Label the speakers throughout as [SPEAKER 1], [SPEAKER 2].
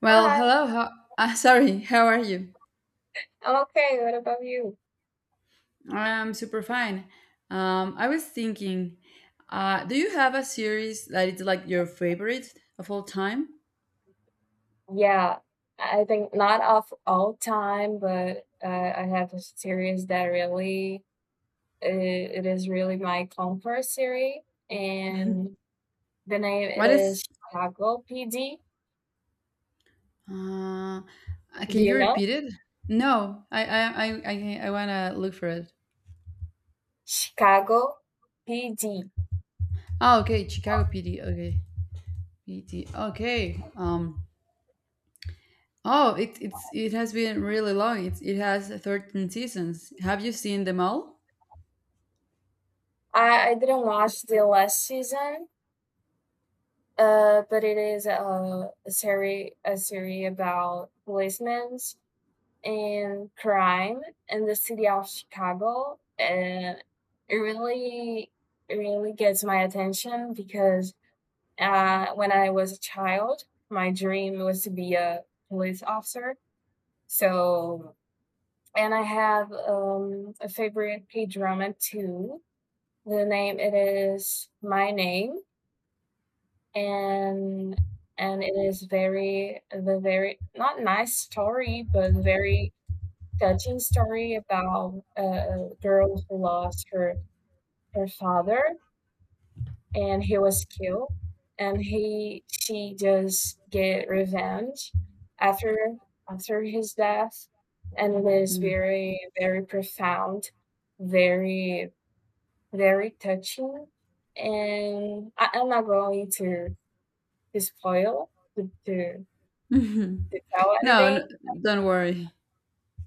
[SPEAKER 1] Well,
[SPEAKER 2] Hi,
[SPEAKER 1] hello. How, sorry, how are you?
[SPEAKER 2] I'm okay. What about you?
[SPEAKER 1] I'm super fine. I was thinking, do you have a series that is like your favorite of all time?
[SPEAKER 2] Yeah, I think not of all time, but I have a series that really it is really my comfort series, and the name it
[SPEAKER 1] What
[SPEAKER 2] is
[SPEAKER 1] is?
[SPEAKER 2] Chicago PD.
[SPEAKER 1] Uh,
[SPEAKER 2] Do
[SPEAKER 1] can
[SPEAKER 2] you
[SPEAKER 1] you
[SPEAKER 2] know
[SPEAKER 1] repeat it? No, I wanna look for it.
[SPEAKER 2] Chicago PD?
[SPEAKER 1] Oh, okay, Chicago PD. Okay, PD. Okay. Oh, it has been really long. It has 13 seasons. Have you seen them all?
[SPEAKER 2] I didn't watch the last season, but it is a series a series about policemen and crime in the city of Chicago. And it really, it really gets my attention because when I was a child, my dream was to be a police officer. So, and I have a favorite K drama too. The name it is My Name, and and it is very not nice story, but very touching story about girl who lost her father and he was killed and he she just get revenge after after his death and it is
[SPEAKER 1] Mm.
[SPEAKER 2] very very profound very very touching and I'm not going to spoil to, to to tell
[SPEAKER 1] No, n
[SPEAKER 2] anything.
[SPEAKER 1] don't worry.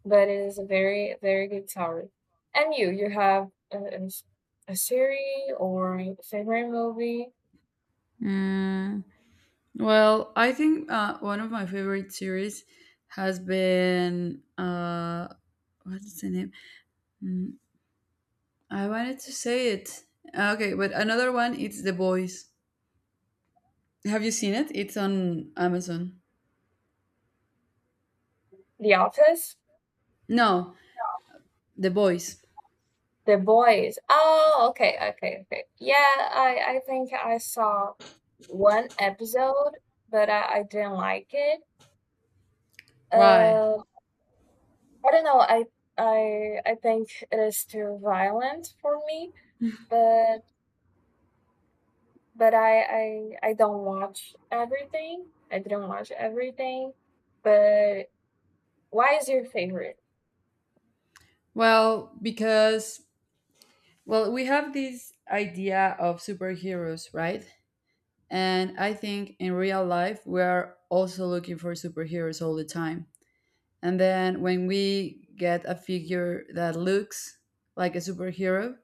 [SPEAKER 2] But it is a very, very good topic. And you have a series or a favorite movie?
[SPEAKER 1] Mm, well, I think one of my favorite series has been what's the name? I wanted to say it. Okay, but another one it's The Boys. Have you seen it? It's on Amazon.
[SPEAKER 2] The Office?
[SPEAKER 1] No, The Boys.
[SPEAKER 2] The Boys. Oh, okay, okay, okay. Yeah, I think I saw one episode, but I didn't like it.
[SPEAKER 1] Why?
[SPEAKER 2] Uh, I don't know. I think it is too violent for me, but but I don't watch everything. I didn't watch everything, but why is your favorite?
[SPEAKER 1] Well, because, well, we have this idea of superheroes, right? And I think in real life we are also looking for superheroes all the time. And then when we get a figure that looks like a superhero,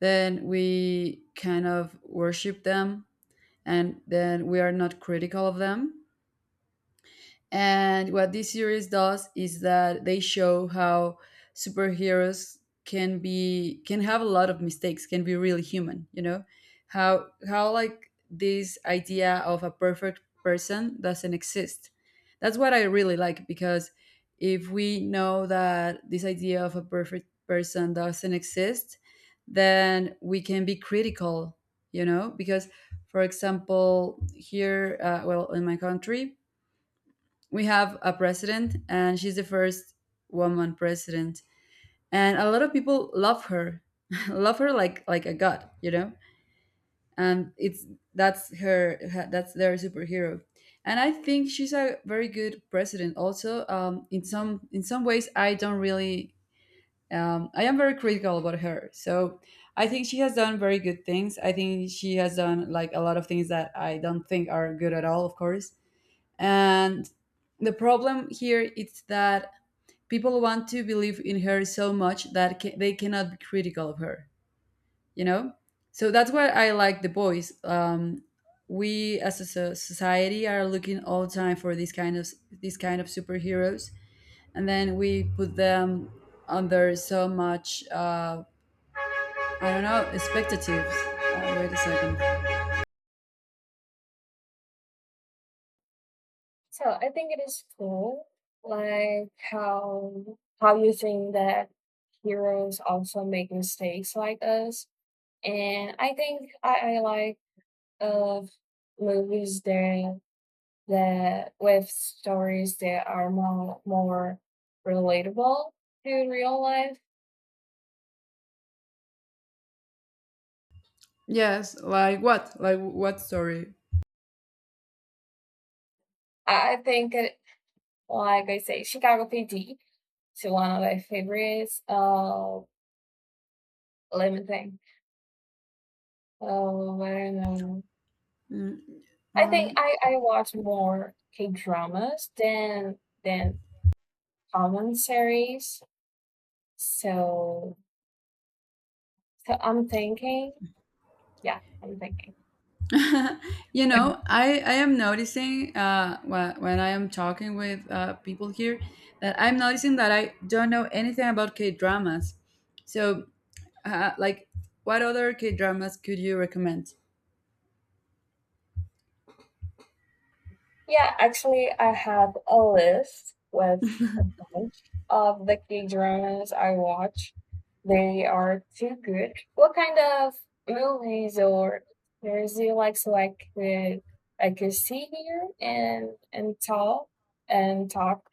[SPEAKER 1] then we kind of worship them, and then we are not critical of them. And what this series does is that they show how superheroes can have a lot of mistakes, can be really human, you know? How like this idea of a perfect person doesn't exist. That's what I really like, because if we know that this idea of a perfect person doesn't exist, then we can be critical, you know? Because, for example, here, well, in my country, we have a president, and she's the first woman president, and a lot of people love her love her like a god. And it's that's their superhero. And I think she's a very good president also, in some ways. I don't really. I am very critical about her, so I think she has done very good things. I think she has done like a lot of things that I don't think are good at all, of course. And the problem here is that people want to believe in her so much that they cannot be critical of her, you know? So that's why I like The Boys. We as a society are looking all the time for these kind of superheroes, and then we put them under so much, I don't know, expectatives. Wait a second.
[SPEAKER 2] So I think it is cool, like how you think that heroes also make mistakes like us. And I think I like of movies that with stories that are more more relatable to real life.
[SPEAKER 1] Yes, like what? Like what story?
[SPEAKER 2] I think it like I say, Chicago PD is one of my favorites. Let me think. Oh, I don't know.
[SPEAKER 1] Mm,
[SPEAKER 2] I think
[SPEAKER 1] um,
[SPEAKER 2] I watch more K dramas than than common series. So so I'm thinking, yeah, I'm thinking.
[SPEAKER 1] I am noticing, when I am talking with, people here, that I'm noticing that I don't know anything about K dramas. So, like, what other K dramas could you recommend?
[SPEAKER 2] Yeah, actually I have a list with a bunch of the K dramas I watch. They are too good. What kind of movies or series do you like so I could see here and tell and talk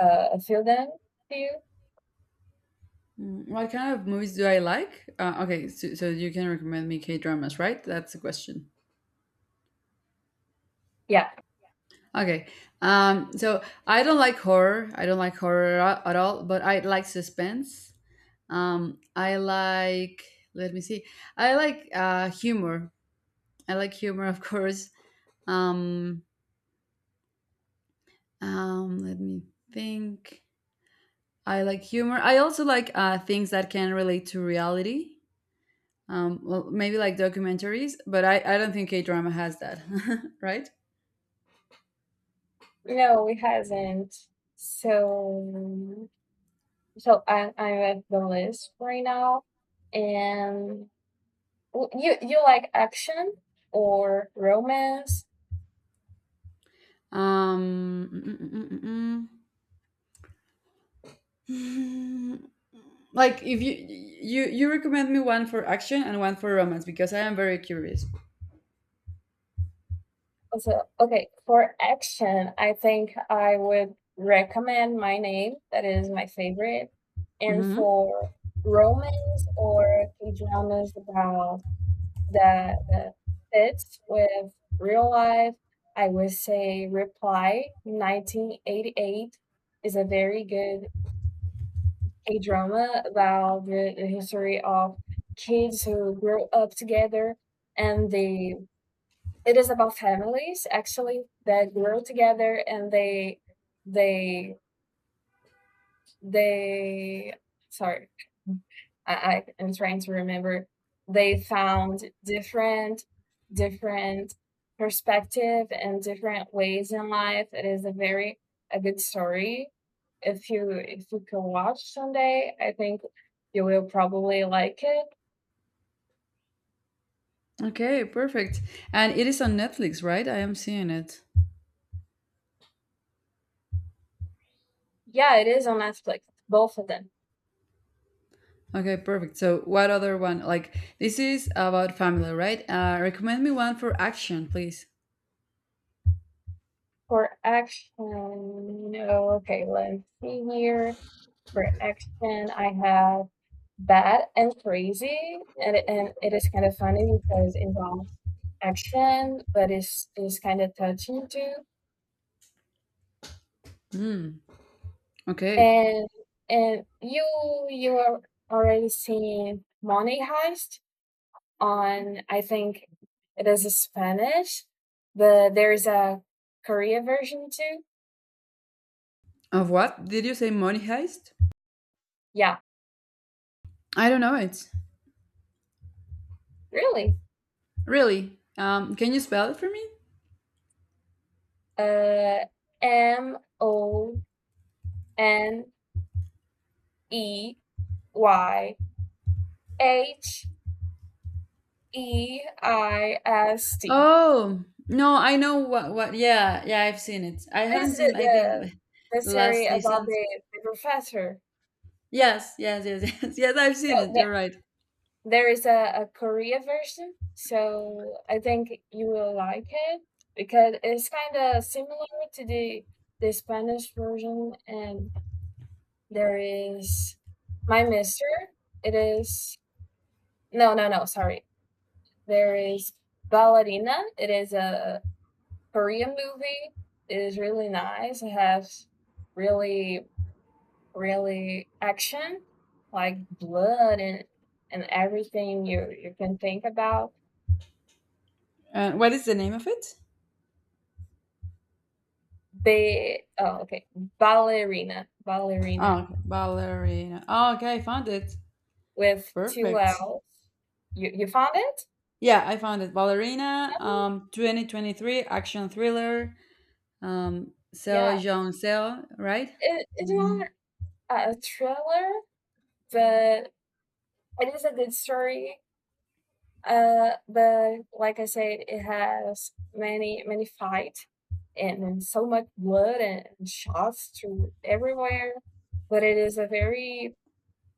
[SPEAKER 2] a few of them to you?
[SPEAKER 1] What kind of movies do I like? Okay, so you can recommend me K dramas, right? That's the question.
[SPEAKER 2] Yeah.
[SPEAKER 1] Okay, so I don't like horror. I don't like horror at all, but I like suspense. I like, let me see. I like, humor. I like humor, of course. Um, Let me think. I like humor. I also like, things that can relate to reality. Well, maybe like documentaries, but I don't think K drama has that, right?
[SPEAKER 2] No, we hasn't. So, so I'm at the list right now, and you like action or romance?
[SPEAKER 1] Um, mm, mm, mm, mm, mm. Mm, like if you recommend me one for action and one for romance, because I am very curious.
[SPEAKER 2] Also, okay, for action, I think I would recommend My Name. That is my favorite. And
[SPEAKER 1] Mhm.
[SPEAKER 2] for romance or K dramas about that fits with real life. I would say Reply 1988 is a very good K-drama about the history of kids who grow up together and they it is about families actually that grow together and they they sorry mm, I am trying to remember they found different different perspective and different ways in life. It is a very a good story if you can watch someday. I think you will probably like it.
[SPEAKER 1] Okay, perfect. And it is on Netflix, right? I am seeing it.
[SPEAKER 2] Yeah, it is on Netflix, both of them.
[SPEAKER 1] Okay, perfect. So, what other one? Like, this is about family, right? Recommend me one for action, please.
[SPEAKER 2] For action, no, okay, let's see here. For action, I have Bad and Crazy, and and it is kind of funny because it involves action, but it's kind of touching too.
[SPEAKER 1] Hmm. Okay.
[SPEAKER 2] And you are already seeing Money Heist on. I think it is a Spanish, but there's a Korea version too.
[SPEAKER 1] Of what? Did you say Money Heist?
[SPEAKER 2] Yeah,
[SPEAKER 1] I don't know it.
[SPEAKER 2] really.
[SPEAKER 1] Really? Can you spell it for me?
[SPEAKER 2] Uh, Moneyheist.
[SPEAKER 1] Oh, no, I know what, yeah, yeah, I've seen it. I
[SPEAKER 2] This
[SPEAKER 1] haven't
[SPEAKER 2] is
[SPEAKER 1] seen, I think,
[SPEAKER 2] the
[SPEAKER 1] the last
[SPEAKER 2] story about
[SPEAKER 1] season.
[SPEAKER 2] the professor.
[SPEAKER 1] Yes, yes, yes, yes, yes, I've
[SPEAKER 2] So
[SPEAKER 1] seen it. You're right.
[SPEAKER 2] there is a Korea version. So I think you will like it because it's kind of similar to the Spanish version. And there is my mister. It is no, no, no. Sorry, there is Ballerina. It is a Korean movie. It is really nice. It has really, really action, like blood and everything you can think about.
[SPEAKER 1] What is the name of it?
[SPEAKER 2] They oh okay ballerina
[SPEAKER 1] Oh, Ballerina. Oh, okay, I found it.
[SPEAKER 2] with two
[SPEAKER 1] Perfect.
[SPEAKER 2] L's. You found it?
[SPEAKER 1] Yeah, I found it. Ballerina,
[SPEAKER 2] That one?
[SPEAKER 1] 2023 action thriller, Seo
[SPEAKER 2] Yeah.
[SPEAKER 1] Jong Seo, right?
[SPEAKER 2] It's not a a thriller, but it is a good story. But like I said, it has many many fight and so much blood and shots through everywhere. But it is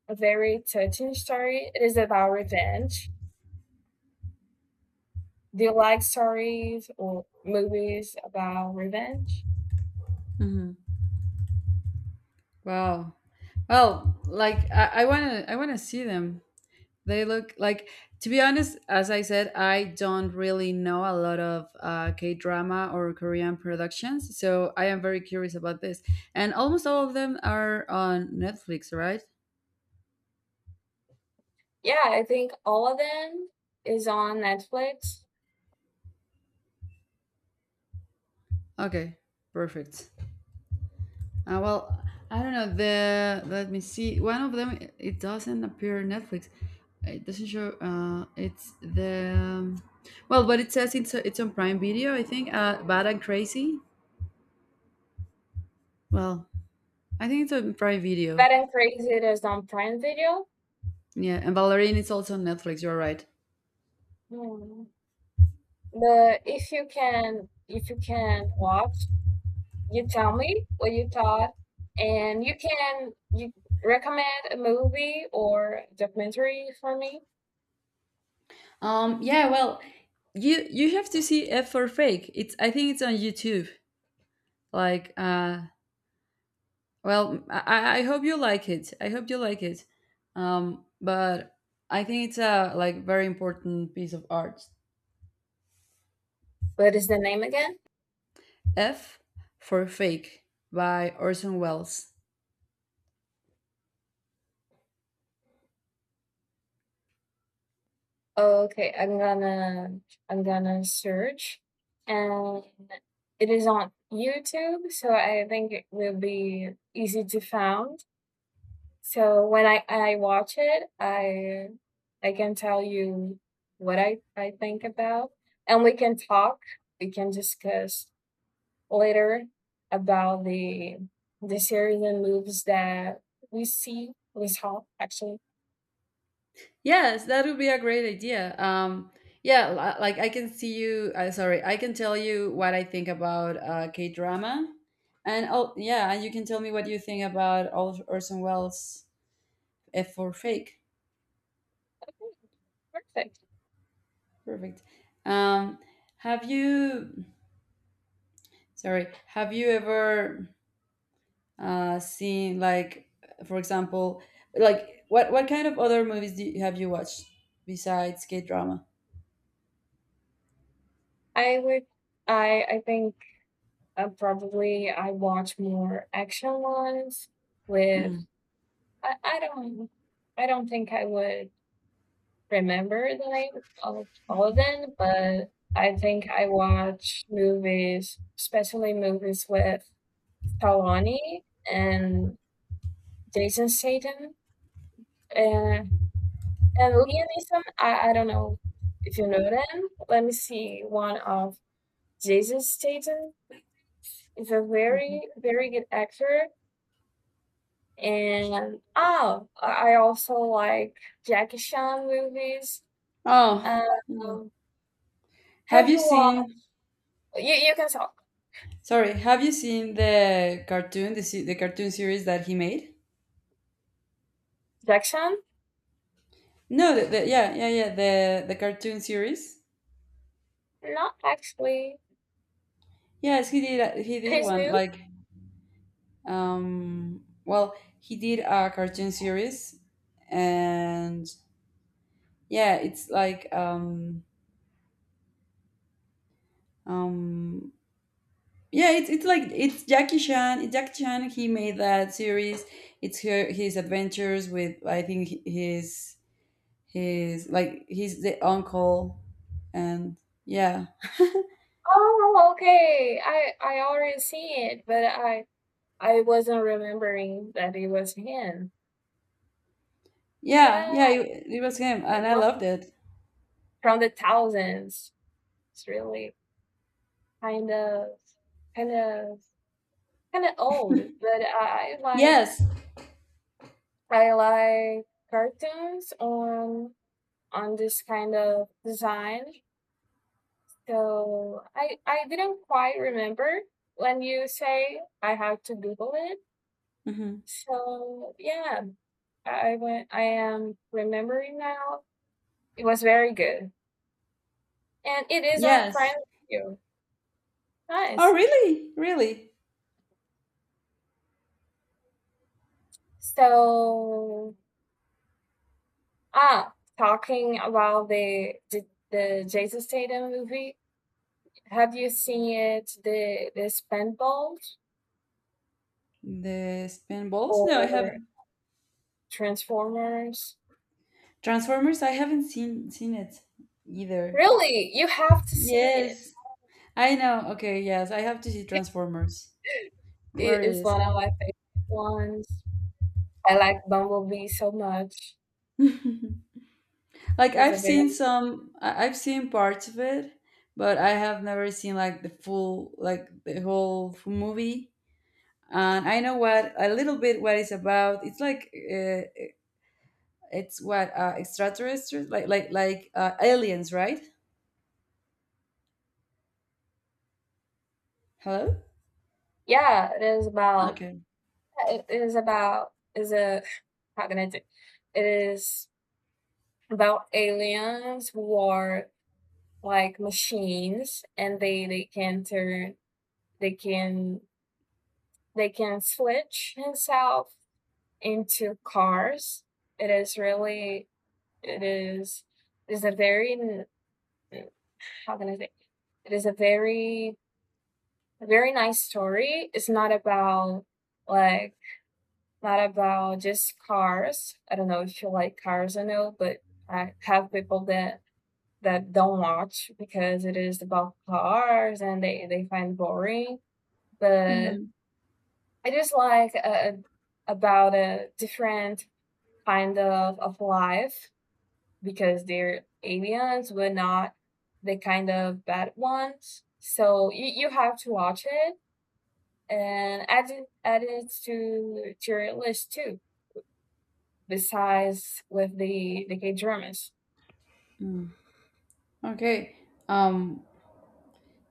[SPEAKER 2] a very touching story. It is about revenge. Do you like stories or movies about revenge?
[SPEAKER 1] Mm-hmm. Wow. Well, like I wanna see them. They look like, to be honest, as I said, I don't really know a lot of, K drama or Korean productions, so I am very curious about this. And almost all of them are on Netflix, right?
[SPEAKER 2] Yeah, I think all of them is on Netflix.
[SPEAKER 1] Okay, perfect. Well, I don't know. The Let me see. One of them, it doesn't appear on Netflix. It doesn't show. It's the, well, but it says it's on Prime Video, I think. Bad and Crazy. Well, I think it's on Prime Video.
[SPEAKER 2] Bad and Crazy is on Prime Video.
[SPEAKER 1] Yeah, and Valerian is also on Netflix. You're right.
[SPEAKER 2] Mm. But if you can watch you tell me what you thought and you recommend a movie or documentary for me.
[SPEAKER 1] Yeah. Well, you have to see F for Fake. It's I think it's on YouTube. Like, well, I hope you like it. I hope you like it. But I think it's a like very important piece of art.
[SPEAKER 2] What is the name again?
[SPEAKER 1] F for Fake by Orson Welles.
[SPEAKER 2] Okay, I'm gonna search, and it is on YouTube so I think it will be easy to found. So when I watch it I can tell you what I think about, and we can talk, we can discuss later about the series and moves that we saw actually.
[SPEAKER 1] Yes, that would be a great idea. Yeah, like I can see you. Sorry, I can tell you what I think about, K drama, and oh yeah, and you can tell me what you think about Orson Welles, F for Fake.
[SPEAKER 2] Okay, perfect.
[SPEAKER 1] Perfect. Um, have you? Sorry, have you ever, seen like, for example, like what kind of other movies do you, have you watched besides K drama?
[SPEAKER 2] I would I think probably I watch more action ones with
[SPEAKER 1] Mm,
[SPEAKER 2] I, I don't I don't think I would remember the name of all of them, but I think I watch movies, especially movies with Talani and Jason Statham. Uh, And Leonism, I don't know if you know them. Let me see one of Jason Statham is a
[SPEAKER 1] mhm.
[SPEAKER 2] very, very good actor. And oh, I also like Jackie Chan movies.
[SPEAKER 1] Oh, yeah.
[SPEAKER 2] Um,
[SPEAKER 1] Have
[SPEAKER 2] have
[SPEAKER 1] you
[SPEAKER 2] you watched?
[SPEAKER 1] seen?
[SPEAKER 2] You can talk.
[SPEAKER 1] Sorry, have you seen the cartoon, the cartoon series that he made?
[SPEAKER 2] Jackie Chan?
[SPEAKER 1] No, yeah, yeah, yeah, the cartoon series.
[SPEAKER 2] Not actually.
[SPEAKER 1] Yes, he did. He
[SPEAKER 2] It
[SPEAKER 1] did
[SPEAKER 2] is
[SPEAKER 1] one
[SPEAKER 2] new.
[SPEAKER 1] like. Well, he did a cartoon series, and yeah, it's like Um, yeah, it's like it's Jackie Chan. It's Jackie Chan. He made that series. It's her, his adventures with, I think, his like. He's the uncle, and yeah,
[SPEAKER 2] Oh, okay. I already see it, but I wasn't remembering that it was him.
[SPEAKER 1] yeah,
[SPEAKER 2] Yeah,
[SPEAKER 1] yeah. It was him,
[SPEAKER 2] it
[SPEAKER 1] and I
[SPEAKER 2] was
[SPEAKER 1] loved it.
[SPEAKER 2] from the thousands. It's really kind of kind of kind of old, but
[SPEAKER 1] Yes,
[SPEAKER 2] I like cartoons on this kind of design. So I didn't quite remember when you say I have to Google it.
[SPEAKER 1] hmm
[SPEAKER 2] So yeah, I went. I am remembering now. It was very good, and it is on Prime
[SPEAKER 1] yes.
[SPEAKER 2] Video.
[SPEAKER 1] Oh,
[SPEAKER 2] Nice.
[SPEAKER 1] really, really.
[SPEAKER 2] So ah, talking about the Jason Statham movie, have you seen it? The Spandballs
[SPEAKER 1] The Spinballs? No, I have
[SPEAKER 2] or Transformers?
[SPEAKER 1] Transformers. I haven't seen it either.
[SPEAKER 2] Really, you have to see it.
[SPEAKER 1] Yes, I know. Okay, yes, I have to see Transformers. Where
[SPEAKER 2] It is
[SPEAKER 1] is?
[SPEAKER 2] one of my favorite ones. I like Bumblebee so much.
[SPEAKER 1] Like
[SPEAKER 2] It's
[SPEAKER 1] I've
[SPEAKER 2] a very
[SPEAKER 1] seen some, I've seen parts of it, but I have never seen like the full, like the whole movie. And I know what, a little bit what it's about. It's like, it's what, extraterrestrials, like aliens, right? Hello.
[SPEAKER 2] yeah.
[SPEAKER 1] Okay.
[SPEAKER 2] It is about is a how can I do? It is about aliens who are like machines and they can turn they can they can switch himself into cars. It is really it is a very how can I say it is a very very nice story. It's not about like not about just cars. I don't know if you like cars or no, but I have people that don't watch because it is about cars and they find boring, but
[SPEAKER 1] hmm
[SPEAKER 2] I just like about a different kind of life because they're aliens, but not the kind of bad ones. So you have to watch it and add it to your list too. Besides with the K dramas,
[SPEAKER 1] Okay. Um,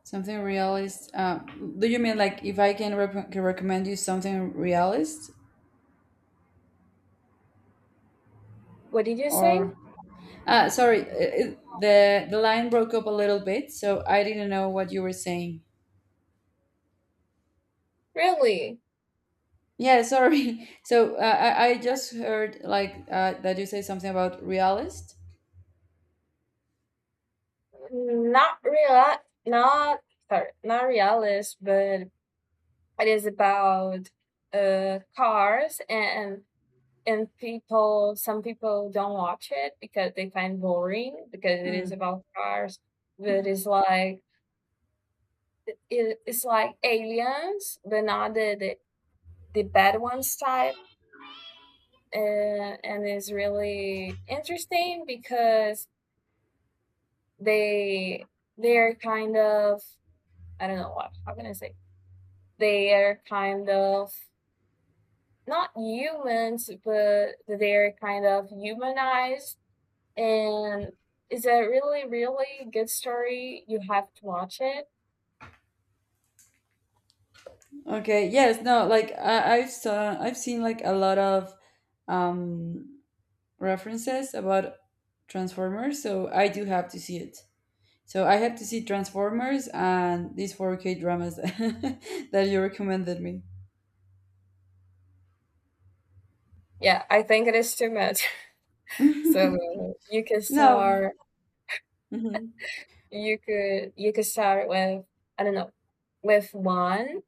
[SPEAKER 1] something realist. Do you mean like if I can recommend you something realist,
[SPEAKER 2] what did you say?
[SPEAKER 1] or? Sorry, the line broke up a little bit, so I didn't know what you were saying.
[SPEAKER 2] Really,
[SPEAKER 1] Yeah, sorry. So, I just heard like, that you say something about realist.
[SPEAKER 2] not real, not sorry, not realist, but it is about cars and people. Some people don't watch it because they find boring because it is
[SPEAKER 1] Hmm.
[SPEAKER 2] about cars. But it's like it's like aliens, but not the bad ones type. And it's really interesting because they they're kind of I don't know what how can I say they are kind of not humans, but they're kind of humanized. And it's a really, really good story. You have to watch it.
[SPEAKER 1] Okay. Yes. No. Like I, I've saw I've seen like a lot of, um references about Transformers, so I do have to see it. So I have to see Transformers and these 4K dramas that you recommended me.
[SPEAKER 2] Yeah, I think it is too much. So you could
[SPEAKER 1] No.
[SPEAKER 2] start
[SPEAKER 1] Mhm.
[SPEAKER 2] you could start with I don't know with one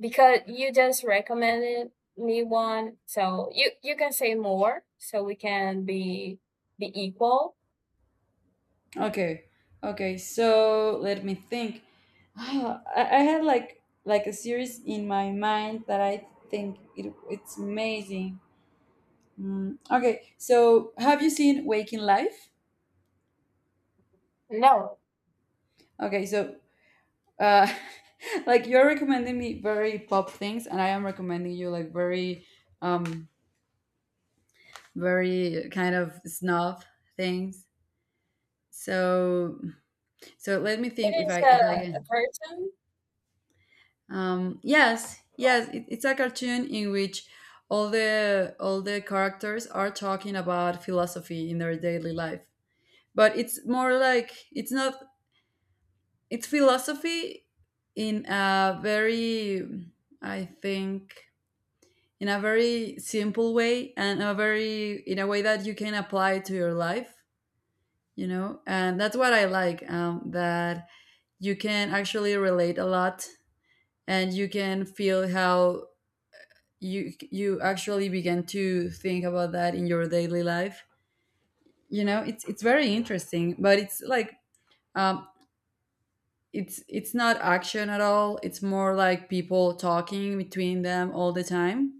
[SPEAKER 2] because you just recommended me one. So you can say more so we can be equal.
[SPEAKER 1] Okay. Okay. So let me think. I had like a series in my mind that I think it's amazing. Okay. So have you seen Waking Life?
[SPEAKER 2] No,
[SPEAKER 1] Okay. So, uh, like you're recommending me very pop things, and I am recommending you like very, um very kind of snob things. So, let me think
[SPEAKER 2] it
[SPEAKER 1] if
[SPEAKER 2] is
[SPEAKER 1] I
[SPEAKER 2] a
[SPEAKER 1] can.
[SPEAKER 2] person.
[SPEAKER 1] Yes, yes, it's a cartoon in which all the characters are talking about philosophy in their daily life. But it's more like it's not, it's philosophy in a very, I think, in a very simple way, and a very, in a way that you can apply to your life, you know? And that's what I like, that you can actually relate a lot, and you can feel how you actually begin to think about that in your daily life. You know, it's very interesting, but it's like, um it's not action at all. It's more like people talking between them all the time.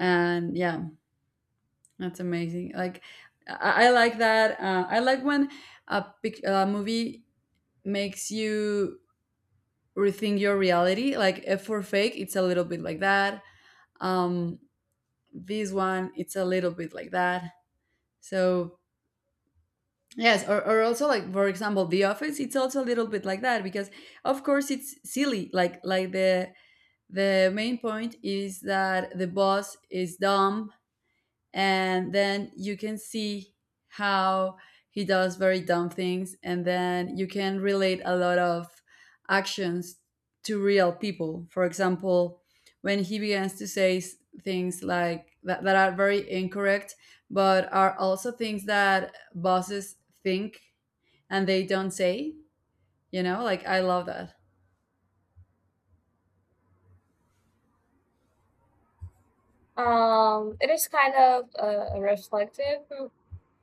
[SPEAKER 1] And yeah, that's amazing. Like I like that, I like when a movie makes you rethink your reality, like if for fake it's a little bit like that. um this one, it's a little bit like that. So, yes, or also, like, for example, The Office. It's also a little bit like that because, of course, it's silly. Like the main point is that the boss is dumb, and then you can see how he does very dumb things, and then you can relate a lot of actions to real people. For example, when he begins to say things like that, that are very incorrect, but are also things that bosses think and they don't say, like I love that.
[SPEAKER 2] It is kind of a reflective. Mm,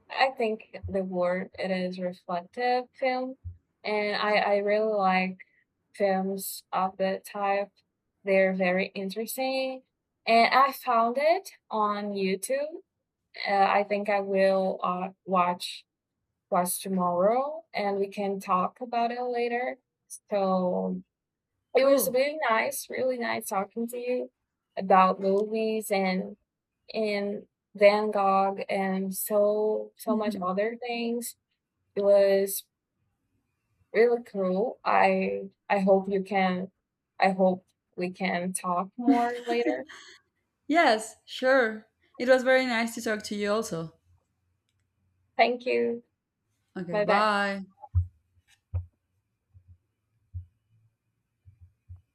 [SPEAKER 2] I think the word it is reflective film, and I really like films of that type. They're very interesting, and I found it on YouTube. I think I will watch tomorrow, and we can talk about it later. So it was
[SPEAKER 1] Cool.
[SPEAKER 2] really nice talking to you about movies and and Van Gogh and so so much
[SPEAKER 1] Mhm.
[SPEAKER 2] other things. It was really cool. I hope you can I hope we can talk more later.
[SPEAKER 1] Yes, sure. It was very nice to talk to you also.
[SPEAKER 2] Thank you.
[SPEAKER 1] Okay,
[SPEAKER 2] Bye bye.
[SPEAKER 1] bye.